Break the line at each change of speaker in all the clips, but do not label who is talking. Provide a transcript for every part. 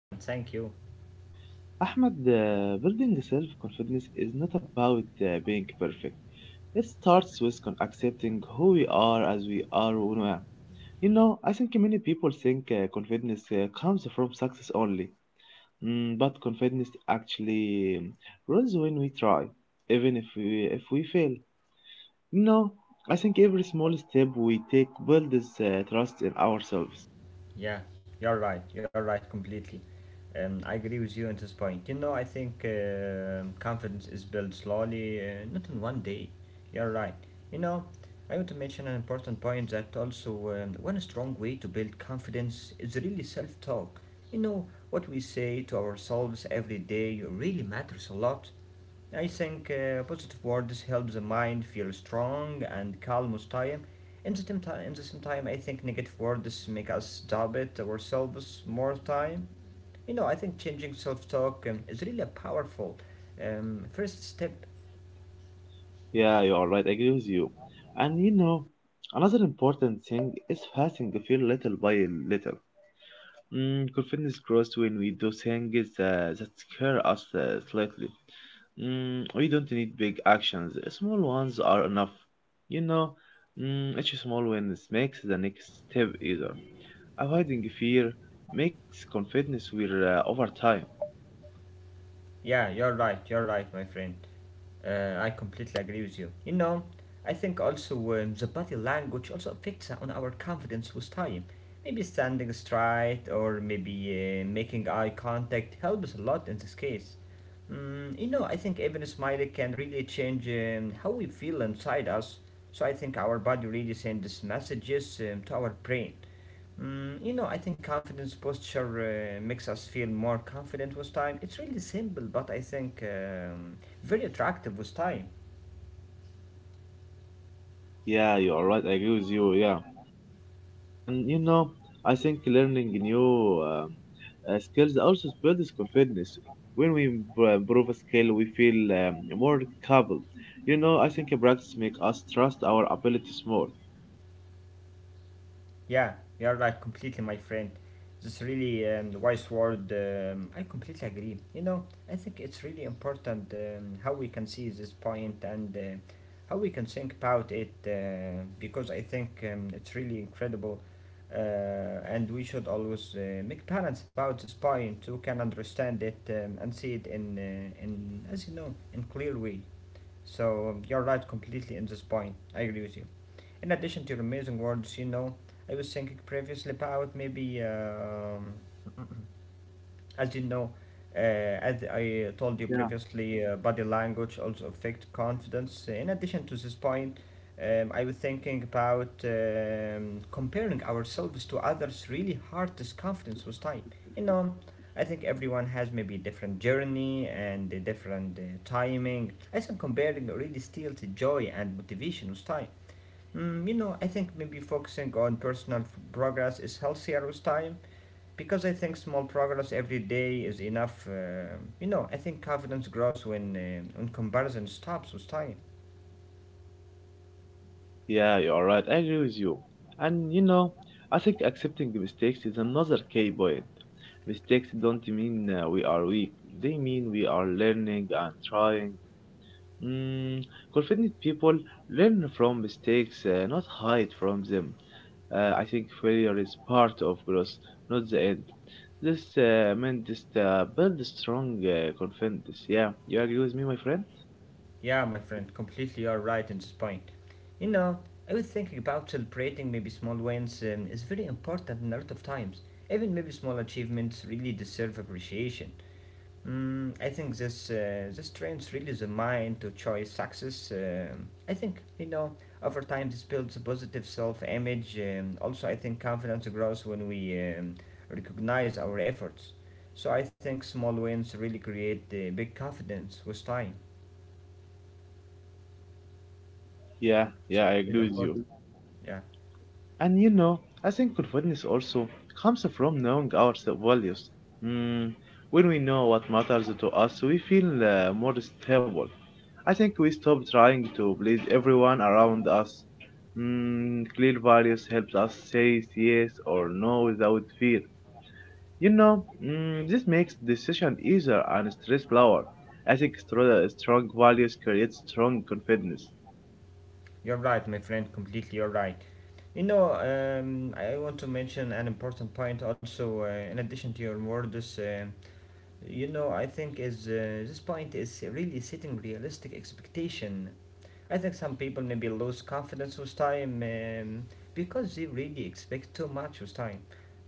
I am fine, thank you.
Ahmad, building self confidence is not about being perfect. It starts with accepting who we are as we are. You know, I think many people think confidence comes from success only. But confidence actually grows when we try, even if we fail. You know, I think every small step we take builds trust in ourselves.
Yeah, you're right completely. I agree with you on this point. You know, I think confidence is built slowly, not in one day. You're right. You know, I want to mention an important point that also, one strong way to build confidence is really self talk. You know, what we say to ourselves every day really matters a lot. I think positive words help the mind feel strong and calm with time. In the same time, I think negative words make us doubt it ourselves more time. You know, I think changing self-talk is really a powerful first step.
Yeah, you are right. I agree with you. And you know, another important thing is fasting the feel little by little. Confidence grows when we do things that scare us slightly. We don't need big actions. Small ones are enough. You know, each small win makes the next step easier. Avoiding fear makes confidence wear over time.
Yeah, you're right, my friend. I completely agree with you. You know, I think also, the body language also affects on our confidence with time. Maybe standing straight or maybe making eye contact helps a lot in this case. Mm, you know, I think even smiling can really change how we feel inside us. So I think our body really sends messages to our brain. Mm, you know, I think confidence posture makes us feel more confident with time. It's really simple, but I think very attractive with time.
Yeah, you are right. I agree with you. Yeah. And you know, I think learning new skills also builds confidence when we improve a skill. We feel more capable. You know, I think practice makes us trust our abilities more.
Yeah, you're right, completely, my friend. This really wise word. I completely agree. You know, I think it's really important how we can see this point and how we can think about it, because I think it's really incredible. Uh, and we should always make balance about this point who can understand it, and see it in, in, as you know, in clear way. So you're right completely in this point. I agree with you. In addition to your amazing words, you know, I was thinking previously about maybe, as you know, as I told you
Yeah.
previously, body language also affect confidence. In addition to this point, I was thinking about comparing ourselves to others really hard this confidence with time. You know, I think everyone has maybe different journey and a different timing. I think comparing really steals the joy and motivation with time. Mm, you know, I think maybe focusing on personal progress is healthier with time because I think small progress every day is enough. You know, I think confidence grows when when comparison stops with time.
Yeah, you are right. I agree with you. And you know, I think accepting the mistakes is another key point. Mistakes don't mean we are weak. They mean we are learning and trying. mm, Confident people learn from mistakes, not hide from them. I think failure is part of growth, not the end. This meant just build strong confidence. Yeah, you agree with me, my friend?
Yeah, my friend, completely you're right in this point. You know, I was thinking about celebrating maybe small wins is very important in a lot of times. Even maybe small achievements really deserve appreciation. Mm, I think this trains really the mind to choose success. I think, you know, over time this builds a positive self-image. Also, I think confidence grows when we recognize our efforts. So I think small wins really create big confidence with time.
Yeah,
So
yeah,
it's
I
really
agree with
important.
you.
Yeah,
And you know, I think confidence also comes from knowing our values. Mm, when we know what matters to us, we feel more stable. I think we stop trying to please everyone around us. Clear values helps us say yes or no without fear. You know, this makes decision easier and stress lower. I think strong values create strong confidence.
you're right, my friend. Completely, you're right. You know, I want to mention an important point also. In addition to your words, you know, I think is this point is really setting realistic expectation. I think some people maybe lose confidence with time, because they really expect too much with time.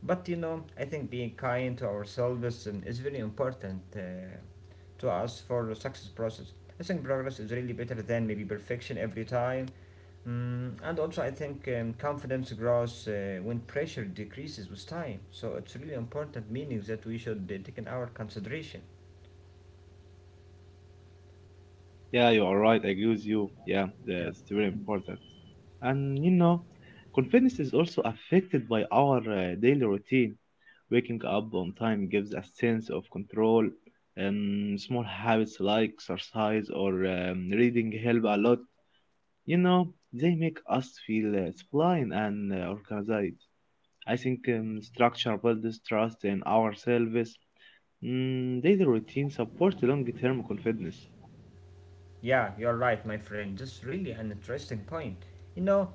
But you know, I think being kind to ourselves is very important to us for the success process. I think progress is really better than maybe perfection every time. Mm, and also, I think confidence grows when pressure decreases with time. So it's really important meaning that we should take in our consideration.
Yeah, you are right. I agree with you. Yeah,
Yeah,
that's very important. And you know, confidence is also affected by our daily routine. Waking up on time gives a sense of control. Small habits like exercise or reading help a lot. You know, they make us feel disciplined and organized. I think structure builds trust in ourselves. Daily routine supports long-term confidence.
yeah, you're right, my friend. That's really an interesting point. You know,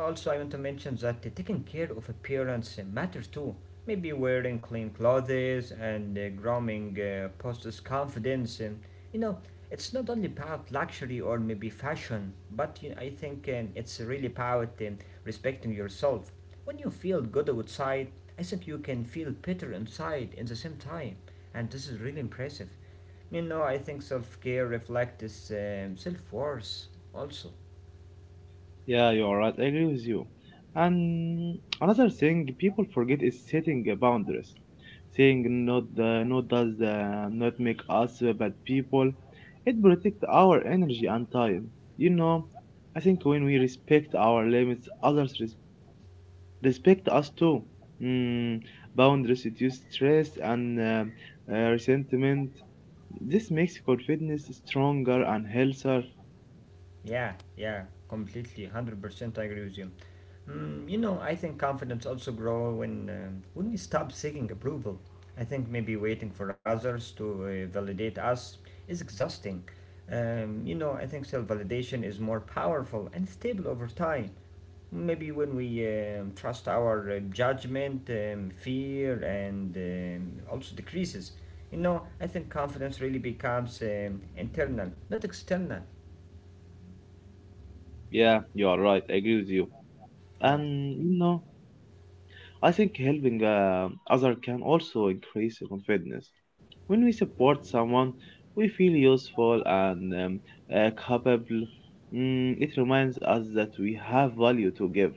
also I want to mention that taking care of appearance matters too. Maybe wearing clean clothes and grooming posts confidence. You know, it's not only about luxury or maybe fashion, but you know, I think it's really about respecting yourself. When you feel good outside, I think you can feel better inside in the same time, and this is really impressive. You know, I think self care reflects self worth also.
Yeah, you're right. I agree with you. And another thing people forget is setting boundaries. Saying no, no does not make us bad people. It protects our energy and time. You know, I think when we respect our limits, others respect us too. Mm, Boundaries reduce stress and resentment. This makes confidence stronger and healthier.
Yeah, completely, 100%. I agree with you. Mm, you know, I think confidence also grow when when we stop seeking approval. I think maybe waiting for others to validate us is exhausting. You know, I think self validation is more powerful and stable over time. Maybe when we trust our judgment, fear and, also decreases. You know, I think confidence really becomes internal, not external.
Yeah, you are right. I agree with you.
Yeah.
And you know. I think helping others can also increase confidence. When we support someone, we feel useful and capable. It reminds us that we have value to give.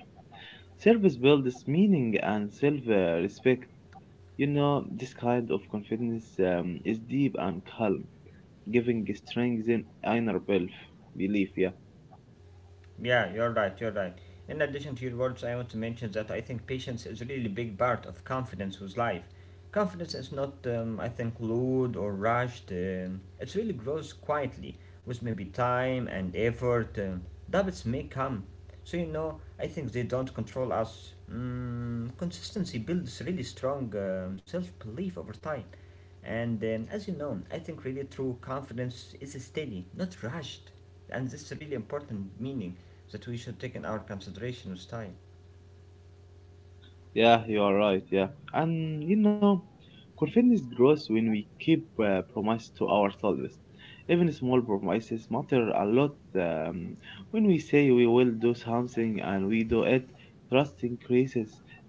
Service builds meaning and self respect. You know, this kind of confidence is deep and calm, giving strength in inner bel- belief. Yeah.
Yeah, you're right, you're right. In addition to your words, I want to mention that I think patience is a really big part of confidence with life. Confidence is not, I think, loud or rushed. It really grows quietly with maybe time and effort. Doubts may come. So, you know, I think they don't control us. Mm, consistency builds really strong self belief over time. And as you know, I think really true confidence is steady, not rushed. And this is a really important meaning that we should take in our consideration with time.
Yeah, you are right. Yeah, and you know, confidence grows when we keep promise to ourselves. Even small promises matter a lot. When we say we will do something and we do it, trust increases.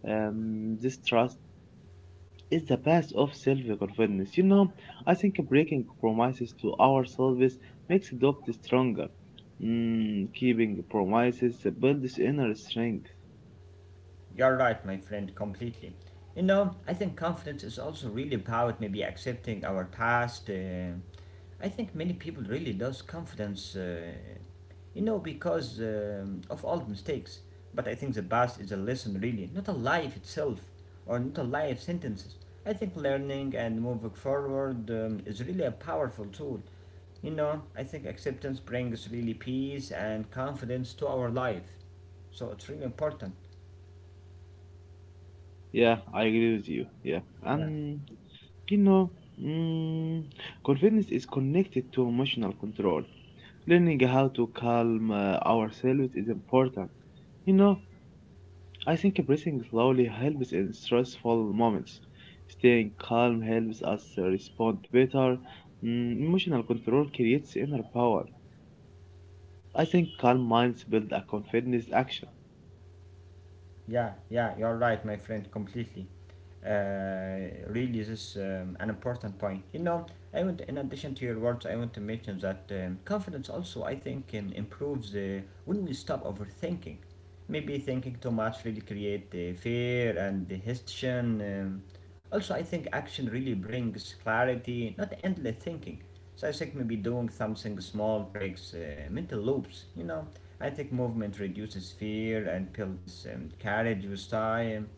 This trust is the base of self-confidence. You know, I think breaking promises to ourselves makes doubt stronger. Keeping promises builds inner strength.
You're right, my friend, completely. You know, I think confidence is also really about maybe accepting our past. I think many people really lose confidence, you know, because of old mistakes. But I think the past is a lesson, really, not a life itself or not a life sentences. I think learning and moving forward is really a powerful tool. You know, I think acceptance brings really peace and confidence to our life. So it's really important.
Yeah, I agree with you. Yeah,
Yeah.
and you know, mm, confidence is connected to emotional control. Learning how to calm ourselves is important. You know, I think breathing slowly helps in stressful moments. Staying calm helps us respond better. Emotional control creates inner power. I think calm minds build a confidence action.
Yeah, you're right, my friend, completely. Uh, really, this is an important point. You know, I want, in addition to your words, I want to mention that confidence also, I think, improves when we stop overthinking. Maybe thinking too much really create fear and the hesitation. Also, I think action really brings clarity, not endless thinking. So I think maybe doing something small breaks mental loops, you know. I think movement reduces fear and builds courage with time.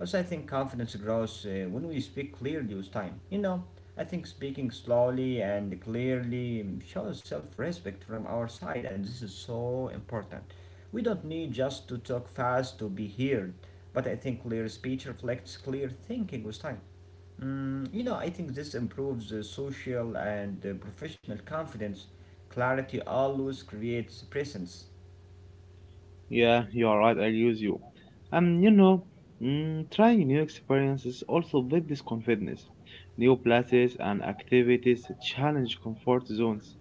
Also, I think confidence grows when we speak clearly with time. You know, I think speaking slowly and clearly shows self respect from our side, and this is so important. We don't need just to talk fast to be heard, but I think clear speech reflects clear thinking with time. Mm, you know, I think this improves social and professional confidence. Clarity always creates presence.
Yeah, you are right. I'll use you. And you know, trying new experiences also builds this confidence. New places and activities challenge comfort zones.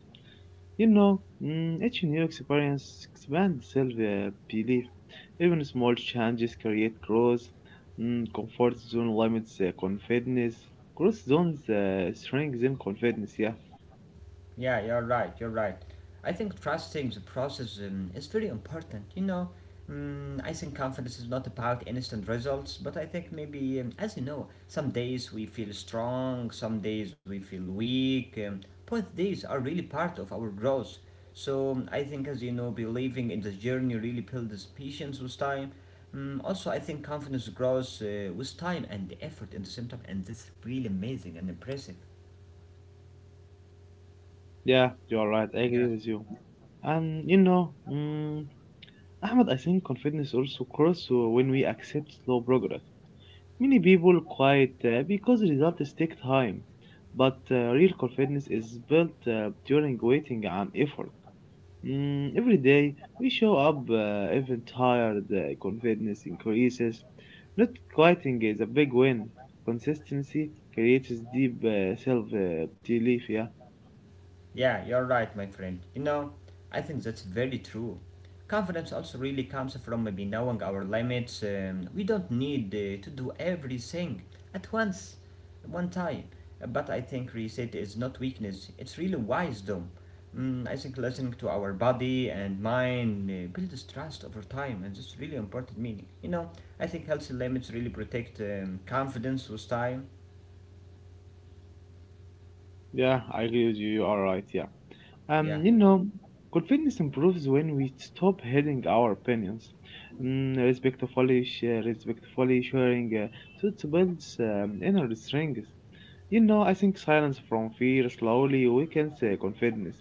You know, each new experience expands self-belief. Even small changes create growth. Comfort zone limits confidence. Growth zones strengthen confidence. Yeah,
Yeah, you're right, you're right. I think trusting the process is very important, you know. Mm, I think confidence is not about instant results, but I think maybe, as you know, some days we feel strong, some days we feel weak. Both days are really part of our growth. So I think, as you know, believing in the journey really builds patience with time. Mm, also, I think confidence grows with time and effort in the same time, and this is really amazing and impressive.
yeah, you are right. I agree
Yeah.
with you. And you know, Ahmed, I think confidence also grows when we accept slow progress. Many people quiet because results take time, but real confidence is built during waiting and effort. Every day we show up, even tired, confidence increases. Not quieting is a big win. Consistency creates deep self belief, yeah.
Yeah, you're right, my friend. You know, I think that's very true. Confidence also really comes from maybe knowing our limits. We don't need to do everything at once, one time. But I think reset is not weakness, it's really wisdom. Mm, I think listening to our body and mind builds trust over time, and that's really important meaning. You know, I think healthy limits really protect confidence with time.
Yeah, I agree with you. You are right. Yeah.
Yeah.
You know, confidence improves when we stop hiding our opinions, respectfully, share, respectfully sharing. So it builds inner strength. You know, I think silence from fear slowly weakens confidence.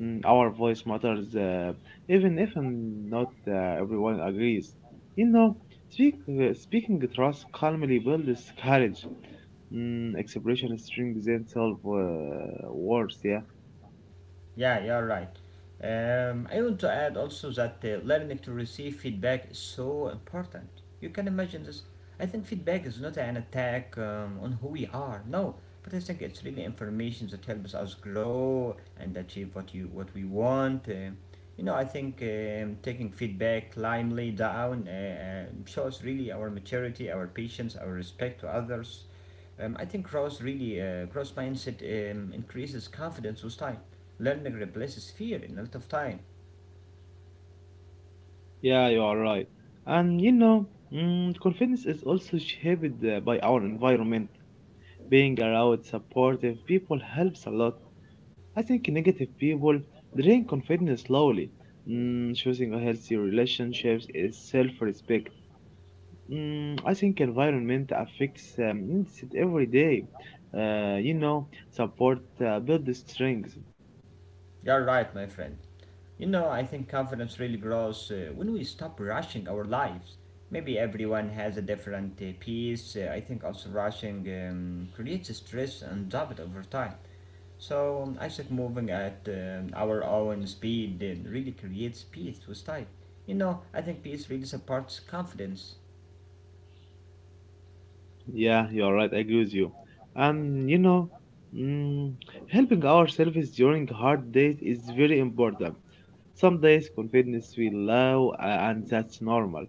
Our voice matters, even if not everyone agrees. You know, speaking trust calmly builds courage. Expression strengthens self worth. Yeah,
Yeah, you're right. I want to add also that learning to receive feedback is so important. You can imagine this. I think feedback is not an attack on who we are, no, but I think it's really information that helps us grow and achieve what we want. You know, I think taking feedback calmly down shows really our maturity, our patience, our respect to others. I think growth mindset increases confidence with time. Learning replaces fear in a lot of time.
yeah, you are right. And you know, confidence is also shaped by our environment. Being around supportive people helps a lot. I think negative people drain confidence slowly. Choosing a healthy relationships is self-respect. I think environment affects needs it every day. You know, support build the strength.
You're right, my friend. You know, I think confidence really grows when we stop rushing our lives. Maybe everyone has a different pace. I think also rushing creates stress and doubt over time. So I think moving at our own speed really creates peace with time. You know, I think peace really supports confidence.
Yeah, you're right. I agree with you. And you know, mm, helping ourselves during hard days is very important. Some days confidence will low, and that's normal.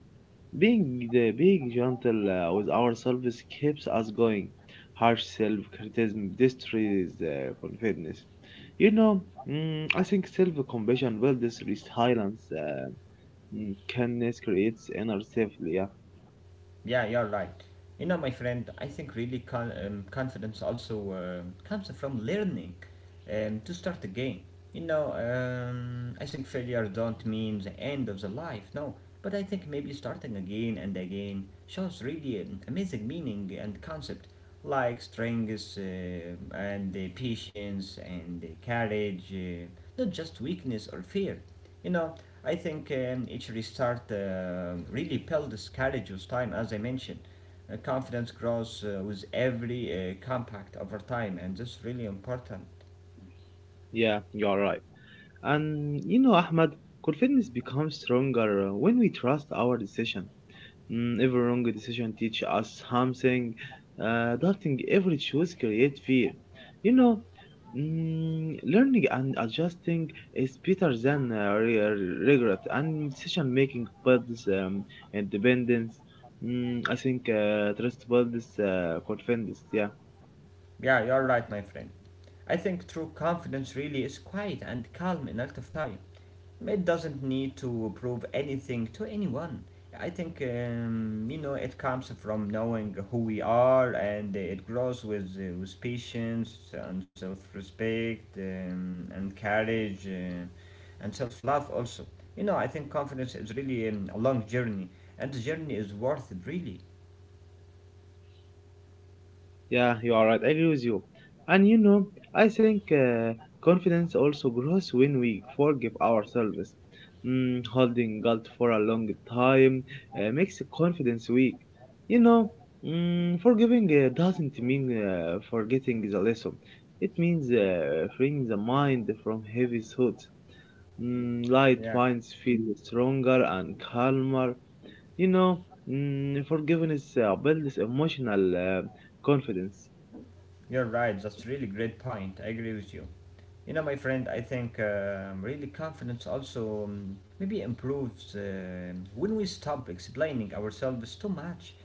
Being gentle with ourselves keeps us going. Harsh self-criticism destroys confidence. You know, I think self-compassion builds resilience. Kindness creates inner safety. Yeah,
Yeah, you're right. You know, my friend, I think really confidence also comes from learning to start again. You know, I think failure don't mean the end of the life, no. But I think maybe starting again and again shows really amazing meaning and concept like strength and the patience and the courage, not just weakness or fear. You know, I think each restart really builds courage with time, as I mentioned. Confidence grows with every compact over time, and this is really important.
yeah, you're right. And you know, Ahmad, confidence becomes stronger when we trust our decision. Every wrong decision teach us something. Doubting every choice create fear. You know, learning and adjusting is better than regret, and decision making builds independence. I think trust builds confidence. Yeah.
Yeah, you're right, my friend. I think true confidence really is quiet and calm in a lot of time. It doesn't need to prove anything to anyone. I think you know it comes from knowing who we are, and it grows with patience and self-respect and courage and self-love also. You know, I think confidence is really a long journey, and the journey is worth it. Really,
Yeah, you are right. I agree with you. And you know, I think confidence also grows when we forgive ourselves. Holding guilt for a long time makes the confidence weak. You know, forgiving doesn't mean forgetting the lesson. It means freeing the mind from heavy thoughts. Light
yeah,
minds feel stronger and calmer. You know, forgiveness builds emotional confidence.
you're right. That's really great point. I agree with you. You know, my friend, I think really confidence also maybe improves when we stop explaining ourselves too much.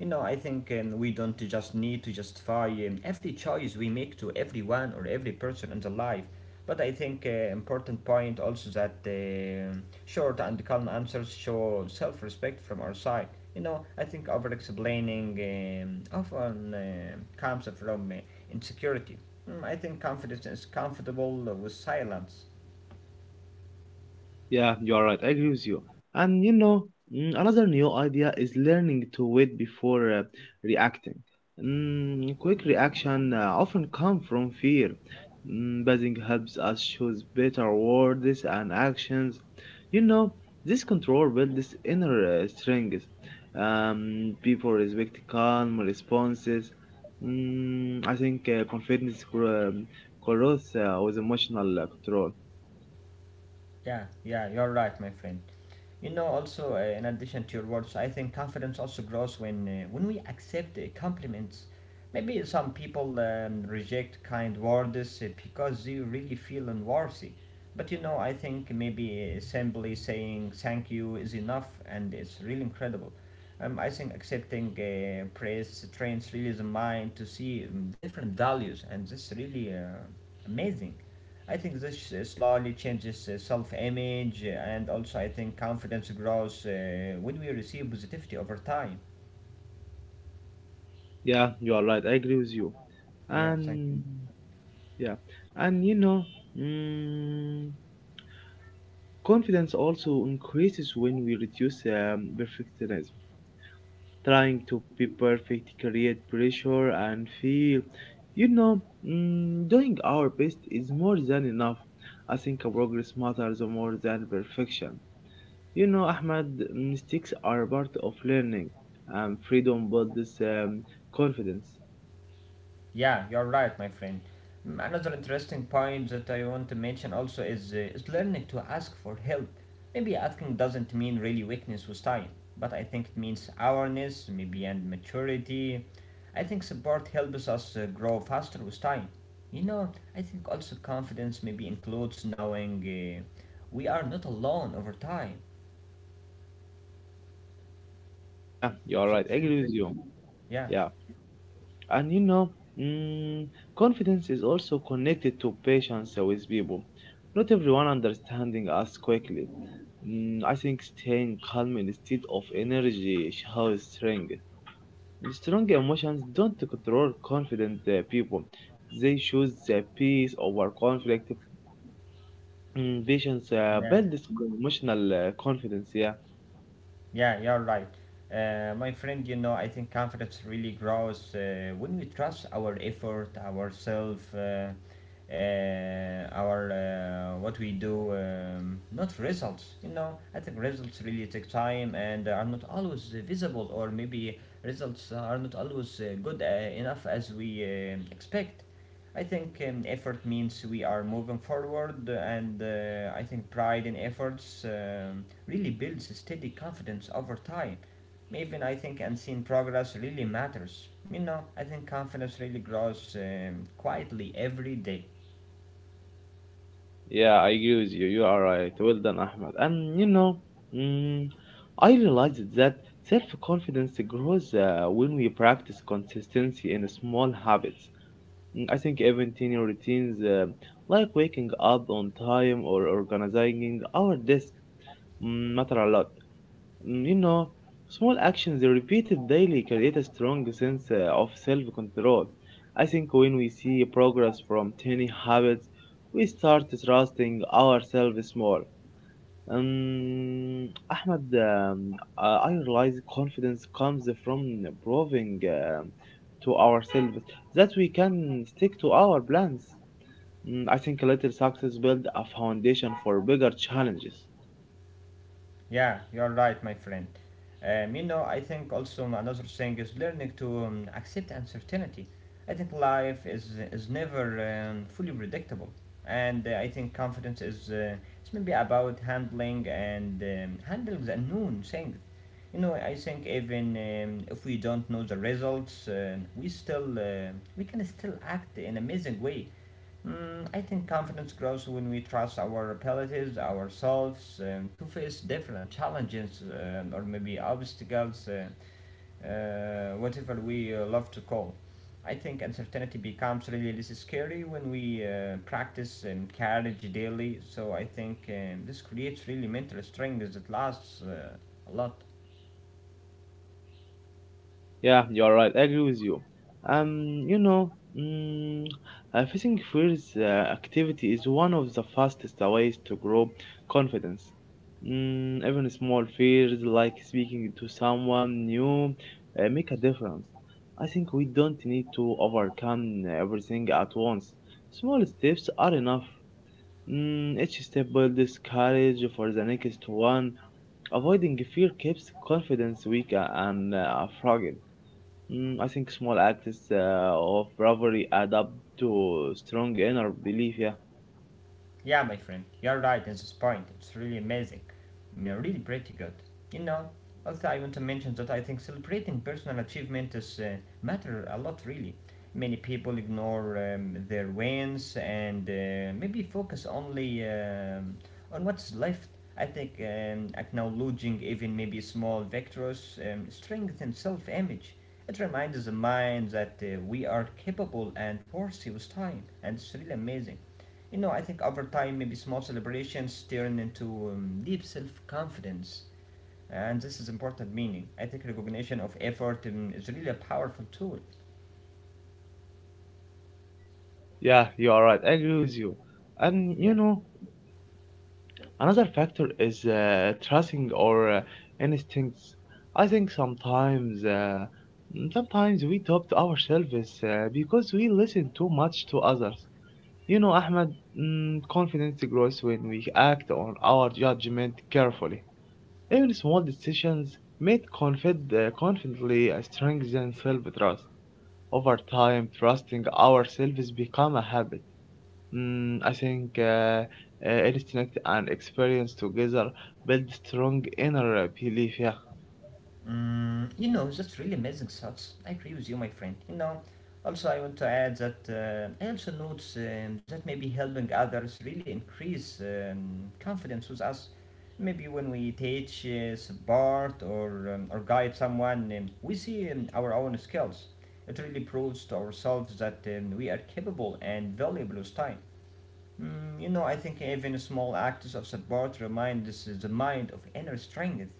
You know, I think we don't just need to justify every choice we make to everyone or every person in the life. But I think important point also that short and calm answers show self-respect from our side. You know, I think over-explaining often comes from insecurity. Mm, I think confidence is comfortable with silence.
Yeah, you are right. I agree with you. And you know, another new idea is learning to wait before reacting. Quick reaction often come from fear. Buzzing helps us choose better words and actions. You know, this control builds inner strength. People respect calm responses. I think grows with emotional control.
Yeah, yeah, you're right, my friend. You know, also in addition to your words, I think confidence also grows when we accept compliments. Maybe some people reject kind words because they really feel unworthy. But you know, I think maybe simply saying thank you is enough, and it's really incredible. I think accepting praise trains really the mind to see different values, and this really amazing. I think this slowly changes self image and also I think confidence grows when we receive positivity over time.
Yeah, you are right. I agree with you.
Yeah, thank you.
And yeah, and you know, mm, confidence also increases when we reduce perfectionism. Trying to be perfect create pressure and feel, you know, doing our best is more than enough. I think progress matters more than perfection. You know, Ahmad, mistakes are part of learning, and freedom builds confidence.
Yeah, you're right, my friend. Mm, another interesting point that I want to mention also is learning to ask for help. Maybe asking doesn't mean really weakness with time, but I think it means awareness, maybe, and maturity. I think support helps us grow faster with time. You know, I think also confidence maybe includes knowing we are not alone over time.
Yeah, you are
So
right. I
it's really
agree with
impressive.
you.
Yeah,
Yeah, and you know, mm, confidence is also connected to patience with people. Not everyone understanding us quickly. I think staying calm instead of energy shows strength. Strong emotions don't control confident people. They choose peace over conflict. Patience
yeah.
builds emotional confidence. Yeah.
Yeah, you're right. My friend, you know, I think confidence really grows when we trust our effort, ourselves, our what we do, not results. You know, I think results really take time and are not always visible, or maybe results are not always good enough as we expect. I think effort means we are moving forward, and I think pride in efforts really builds a steady confidence over time. Even I think unseen progress really matters. You know, I think confidence really grows quietly every day.
Yeah, I agree with you. You are right. Well done, Ahmed. And you know, mm, I realized that self confidence grows when we practice consistency in small habits. I think even tiny routines, like waking up on time or organizing our desk, matter a lot. You know, small actions repeated daily create a strong sense of self control. I think when we see progress from tiny habits, we start trusting ourselves more. Um, Ahmed, I realize confidence comes from proving to ourselves that we can stick to our plans. I think little success builds a foundation for bigger challenges.
Yeah, you're right, my friend. You know, I think also another thing is learning to accept uncertainty. I think life is never fully predictable, and I think confidence is it's maybe about handling and handling the unknown things. You know, I think even if we don't know the results, we still we can still act in amazing way. Mm, I think confidence grows when we trust our abilities, ourselves, to face different challenges or maybe obstacles, whatever we love to call. I think uncertainty becomes really less scary when we practice and courage daily. So I think this creates really mental strength that lasts a lot.
Yeah, you're right. I agree with you. You know, mm, facing fears activity is one of the fastest ways to grow confidence. Even small fears like speaking to someone new make a difference. I think we don't need to overcome everything at once. Small steps are enough. Each step builds courage for the next one. Avoiding fear keeps confidence weak and fragile. I think small acts of bravery add up to strong inner belief. Yeah,
Yeah, my friend, you're right in this point. It's really amazing. Mm, really pretty good. You know, also I want to mention that I think celebrating personal achievement is matter a lot really. Many people ignore their wins and maybe focus only on what's left. I think acknowledging even maybe small victories strengthens self-image. It reminds the mind that we are capable and worthy with time, and it's really amazing. You know, I think over time, maybe small celebrations turn into deep self confidence, and this is important meaning. I think recognition of effort is really a powerful tool.
yeah, you are right. I agree with you. And you
Yeah.
know, another factor is trusting or instincts. I think sometimes we doubt ourselves because we listen too much to others. You know, Ahmed, confidence grows when we act on our judgment carefully. Even small decisions made confidently strengthen self-trust. Over time, trusting ourselves become a habit. I think instinct and experience together build strong inner belief. Yeah.
Mm, you know, that's really amazing thoughts. I agree with you, my friend. You know, also I want to add that I also notice that maybe helping others really increase confidence with us. Maybe when we teach, support, or guide someone, we see our own skills. It really proves to ourselves that we are capable and valuable with time. Mm, you know, I think even small acts of support remind us the mind of inner strength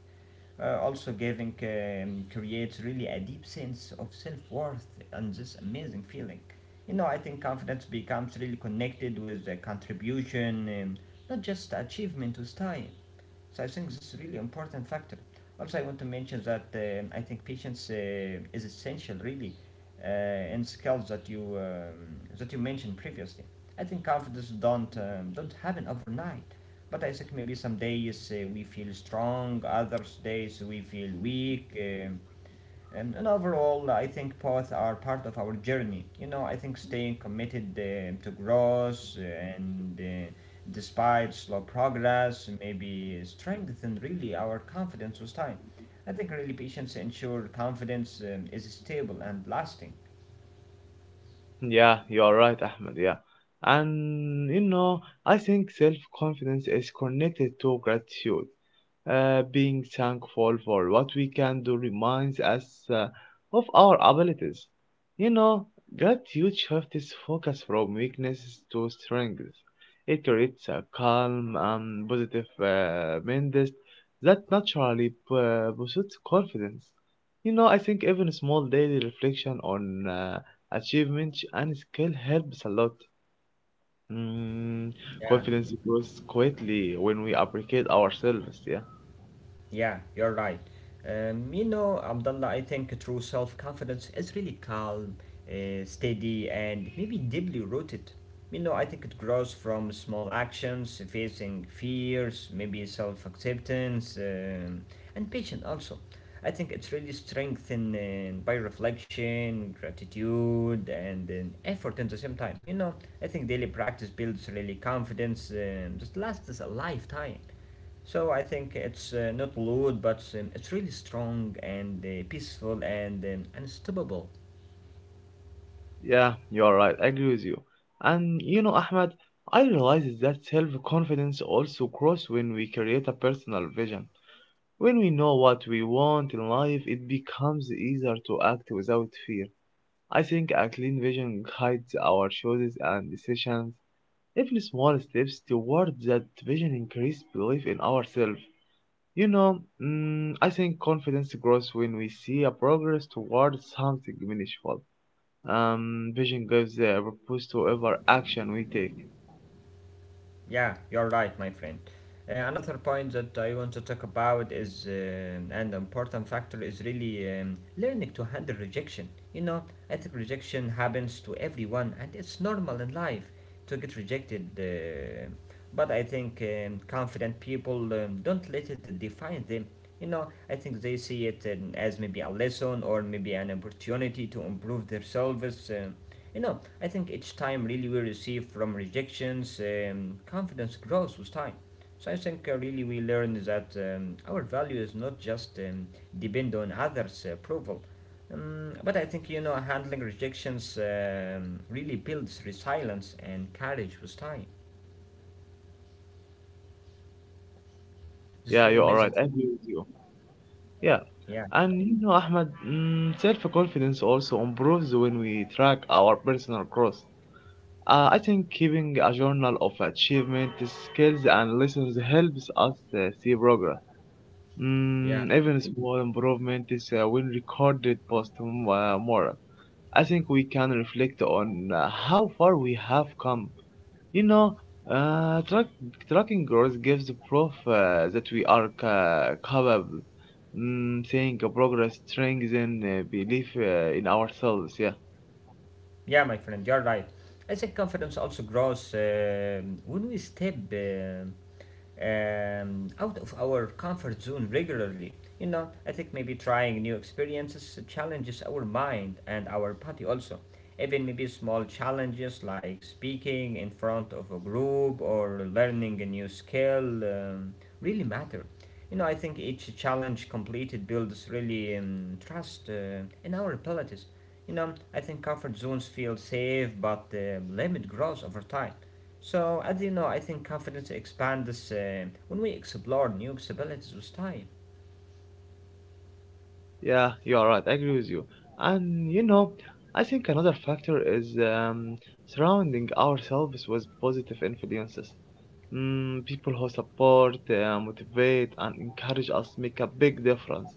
also, giving creates really a deep sense of self worth and this amazing feeling. You know, I think confidence becomes really connected with the contribution, not just achievement with time. So I think this is a really important factor. Also, I want to mention that I think patience is essential, really, in skills that you mentioned previously. I think confidence don't happen overnight. But I think maybe some days we feel strong, others days we feel weak. And overall, I think both are part of our journey. You know, I think staying committed to growth and despite slow progress, maybe strengthen really our confidence with time. I think really patience ensure confidence is stable and lasting.
Yeah, you're right, Ahmed. Yeah. And you know, I think self confidence is connected to gratitude. Being thankful for what we can do reminds us uh, of our abilities. You know, gratitude shifts focus from weaknesses to strengths. It creates a calm and positive mindset that naturally pursues confidence. You know, I think even small daily reflection on achievements and skill helps a lot. Mm,
Yeah.
Confidence grows quietly when we appreciate ourselves. Yeah,
Yeah, you're right. You know, Abdullah, I think true self confidence is really calm, steady, and maybe deeply rooted. You know, I think it grows from small actions, facing fears, maybe self acceptance, and patience also. I think it's really strengthened by reflection, gratitude, and effort at the same time. You know, I think daily practice builds really confidence that lasts a lifetime. So I think it's not loud, but it's really strong and peaceful and unstoppable.
yeah, you are right. I agree with you. And you know, Ahmed, I realize that self-confidence also grows when we create a personal vision. When we know what we want in life, it becomes easier to act without fear. I think a clean vision guides our choices and decisions. Even small steps towards that vision increase belief in ourselves. You know, I think confidence grows when we see a progress towards something meaningful. Vision gives a purpose to every action we take.
Yeah, you're right, my friend. Another point that I want to talk about is an important factor is really learning to handle rejection. You know, I think rejection happens to everyone and it's normal in life to get rejected. But I think confident people don't let it define them. You know, I think they see it as maybe a lesson or maybe an opportunity to improve themselves. You know, I think each time really we receive from rejections, confidence grows with time. So I think really we learn that our value is not just depend on others' approval. But I think you know handling rejections really builds resilience and courage with time. This is really
Yeah, you
amazing.
are right.
Thing.
I agree with you. Yeah,
Yeah,
and you know, Ahmed, self-confidence also improves when we track our personal growth. I think keeping a journal of achievement, skills, and lessons helps us see progress.
yeah,
Even small improvements, when recorded, post more. I think we can reflect on how far we have come. You know, uh, track, tracking growth gives the proof that we are capable. Seeing a progress strengthens belief in ourselves. Yeah,
yeah, my friend, you're right. I think confidence also grows when we step out of our comfort zone regularly. You know, I think maybe trying new experiences challenges our mind and our body also. Even maybe small challenges like speaking in front of a group or learning a new skill really matter. You know, I think each challenge completed builds really trust in our abilities. You know, I think comfort zones feel safe, but limit grows over time. So, as you know, I think confidence expands when we explore new possibilities with time.
yeah, you are right. I agree with you. And you know, I think another factor is surrounding ourselves with positive influences. People who support, motivate, and encourage us make a big difference.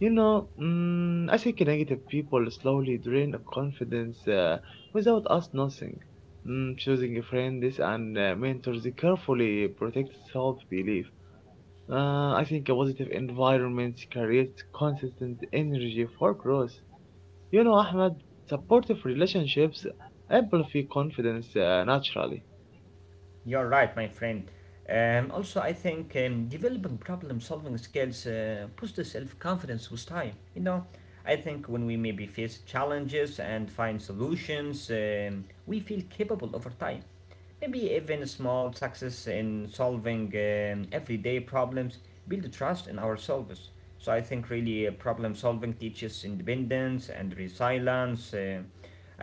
You know, I think negative people slowly drain our confidence without us noticing. Choosing friends and mentors carefully protects self-belief. I think a positive environment creates consistent energy for growth. You know, Ahmed, supportive relationships amplify confidence naturally.
You're right, my friend. Also, I think developing problem solving skills boosts self confidence with time. You know, I think when we maybe face challenges and find solutions, we feel capable over time. Maybe even small success in solving everyday problems build trust in ourselves. So I think really problem solving teaches independence and resilience.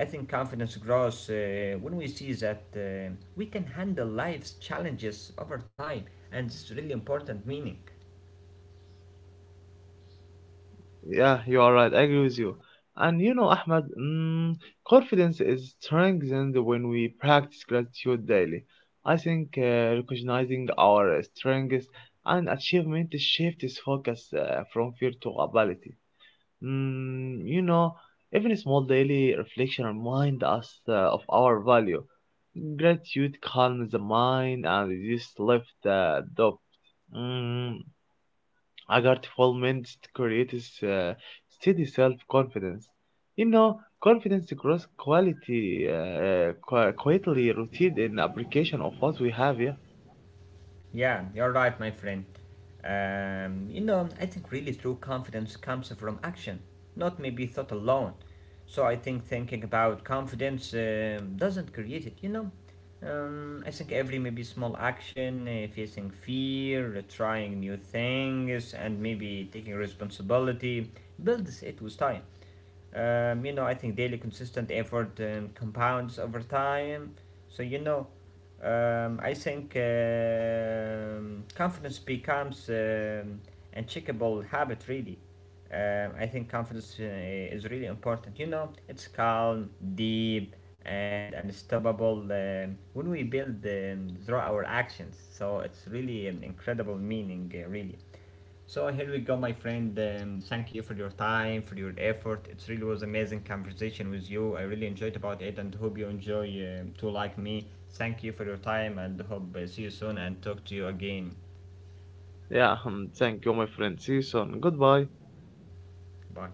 I think confidence grows when we see that we can handle life's challenges over time, and it's really important meaning.
Yeah, you are right. I agree with you. And you know, Ahmed, confidence is strengthened when we practice gratitude daily. I think recognizing our strengths and achievement shifts focus from fear to ability. You know, even small daily reflection remind us of our value. Gratitude calms the mind and reduces left doubt. Mm, a grateful mindset creates steady self-confidence. You know, confidence grows quietly rooted in application of what we have here.
Yeah, you're right, my friend. You know, I think really true confidence comes from action, not maybe thought alone. So I think thinking about confidence doesn't create it, you know. I think every maybe small action, facing fear, trying new things, and maybe taking responsibility builds it with time. You know, I think daily consistent effort compounds over time. So, you know, I think confidence becomes an checkable habit, really. I think confidence is really important. You know, it's calm, deep, and unstoppable when we build through our actions. So, it's really an incredible meaning, really. So here we go, my friend. Thank you for your time, for your effort. It really was amazing conversation with you. I really enjoyed about it, and hope you enjoy too like me. Thank you for your time, and hope see you soon and talk to you again.
Yeah, thank you, my friend. See you soon. Goodbye.
Bye.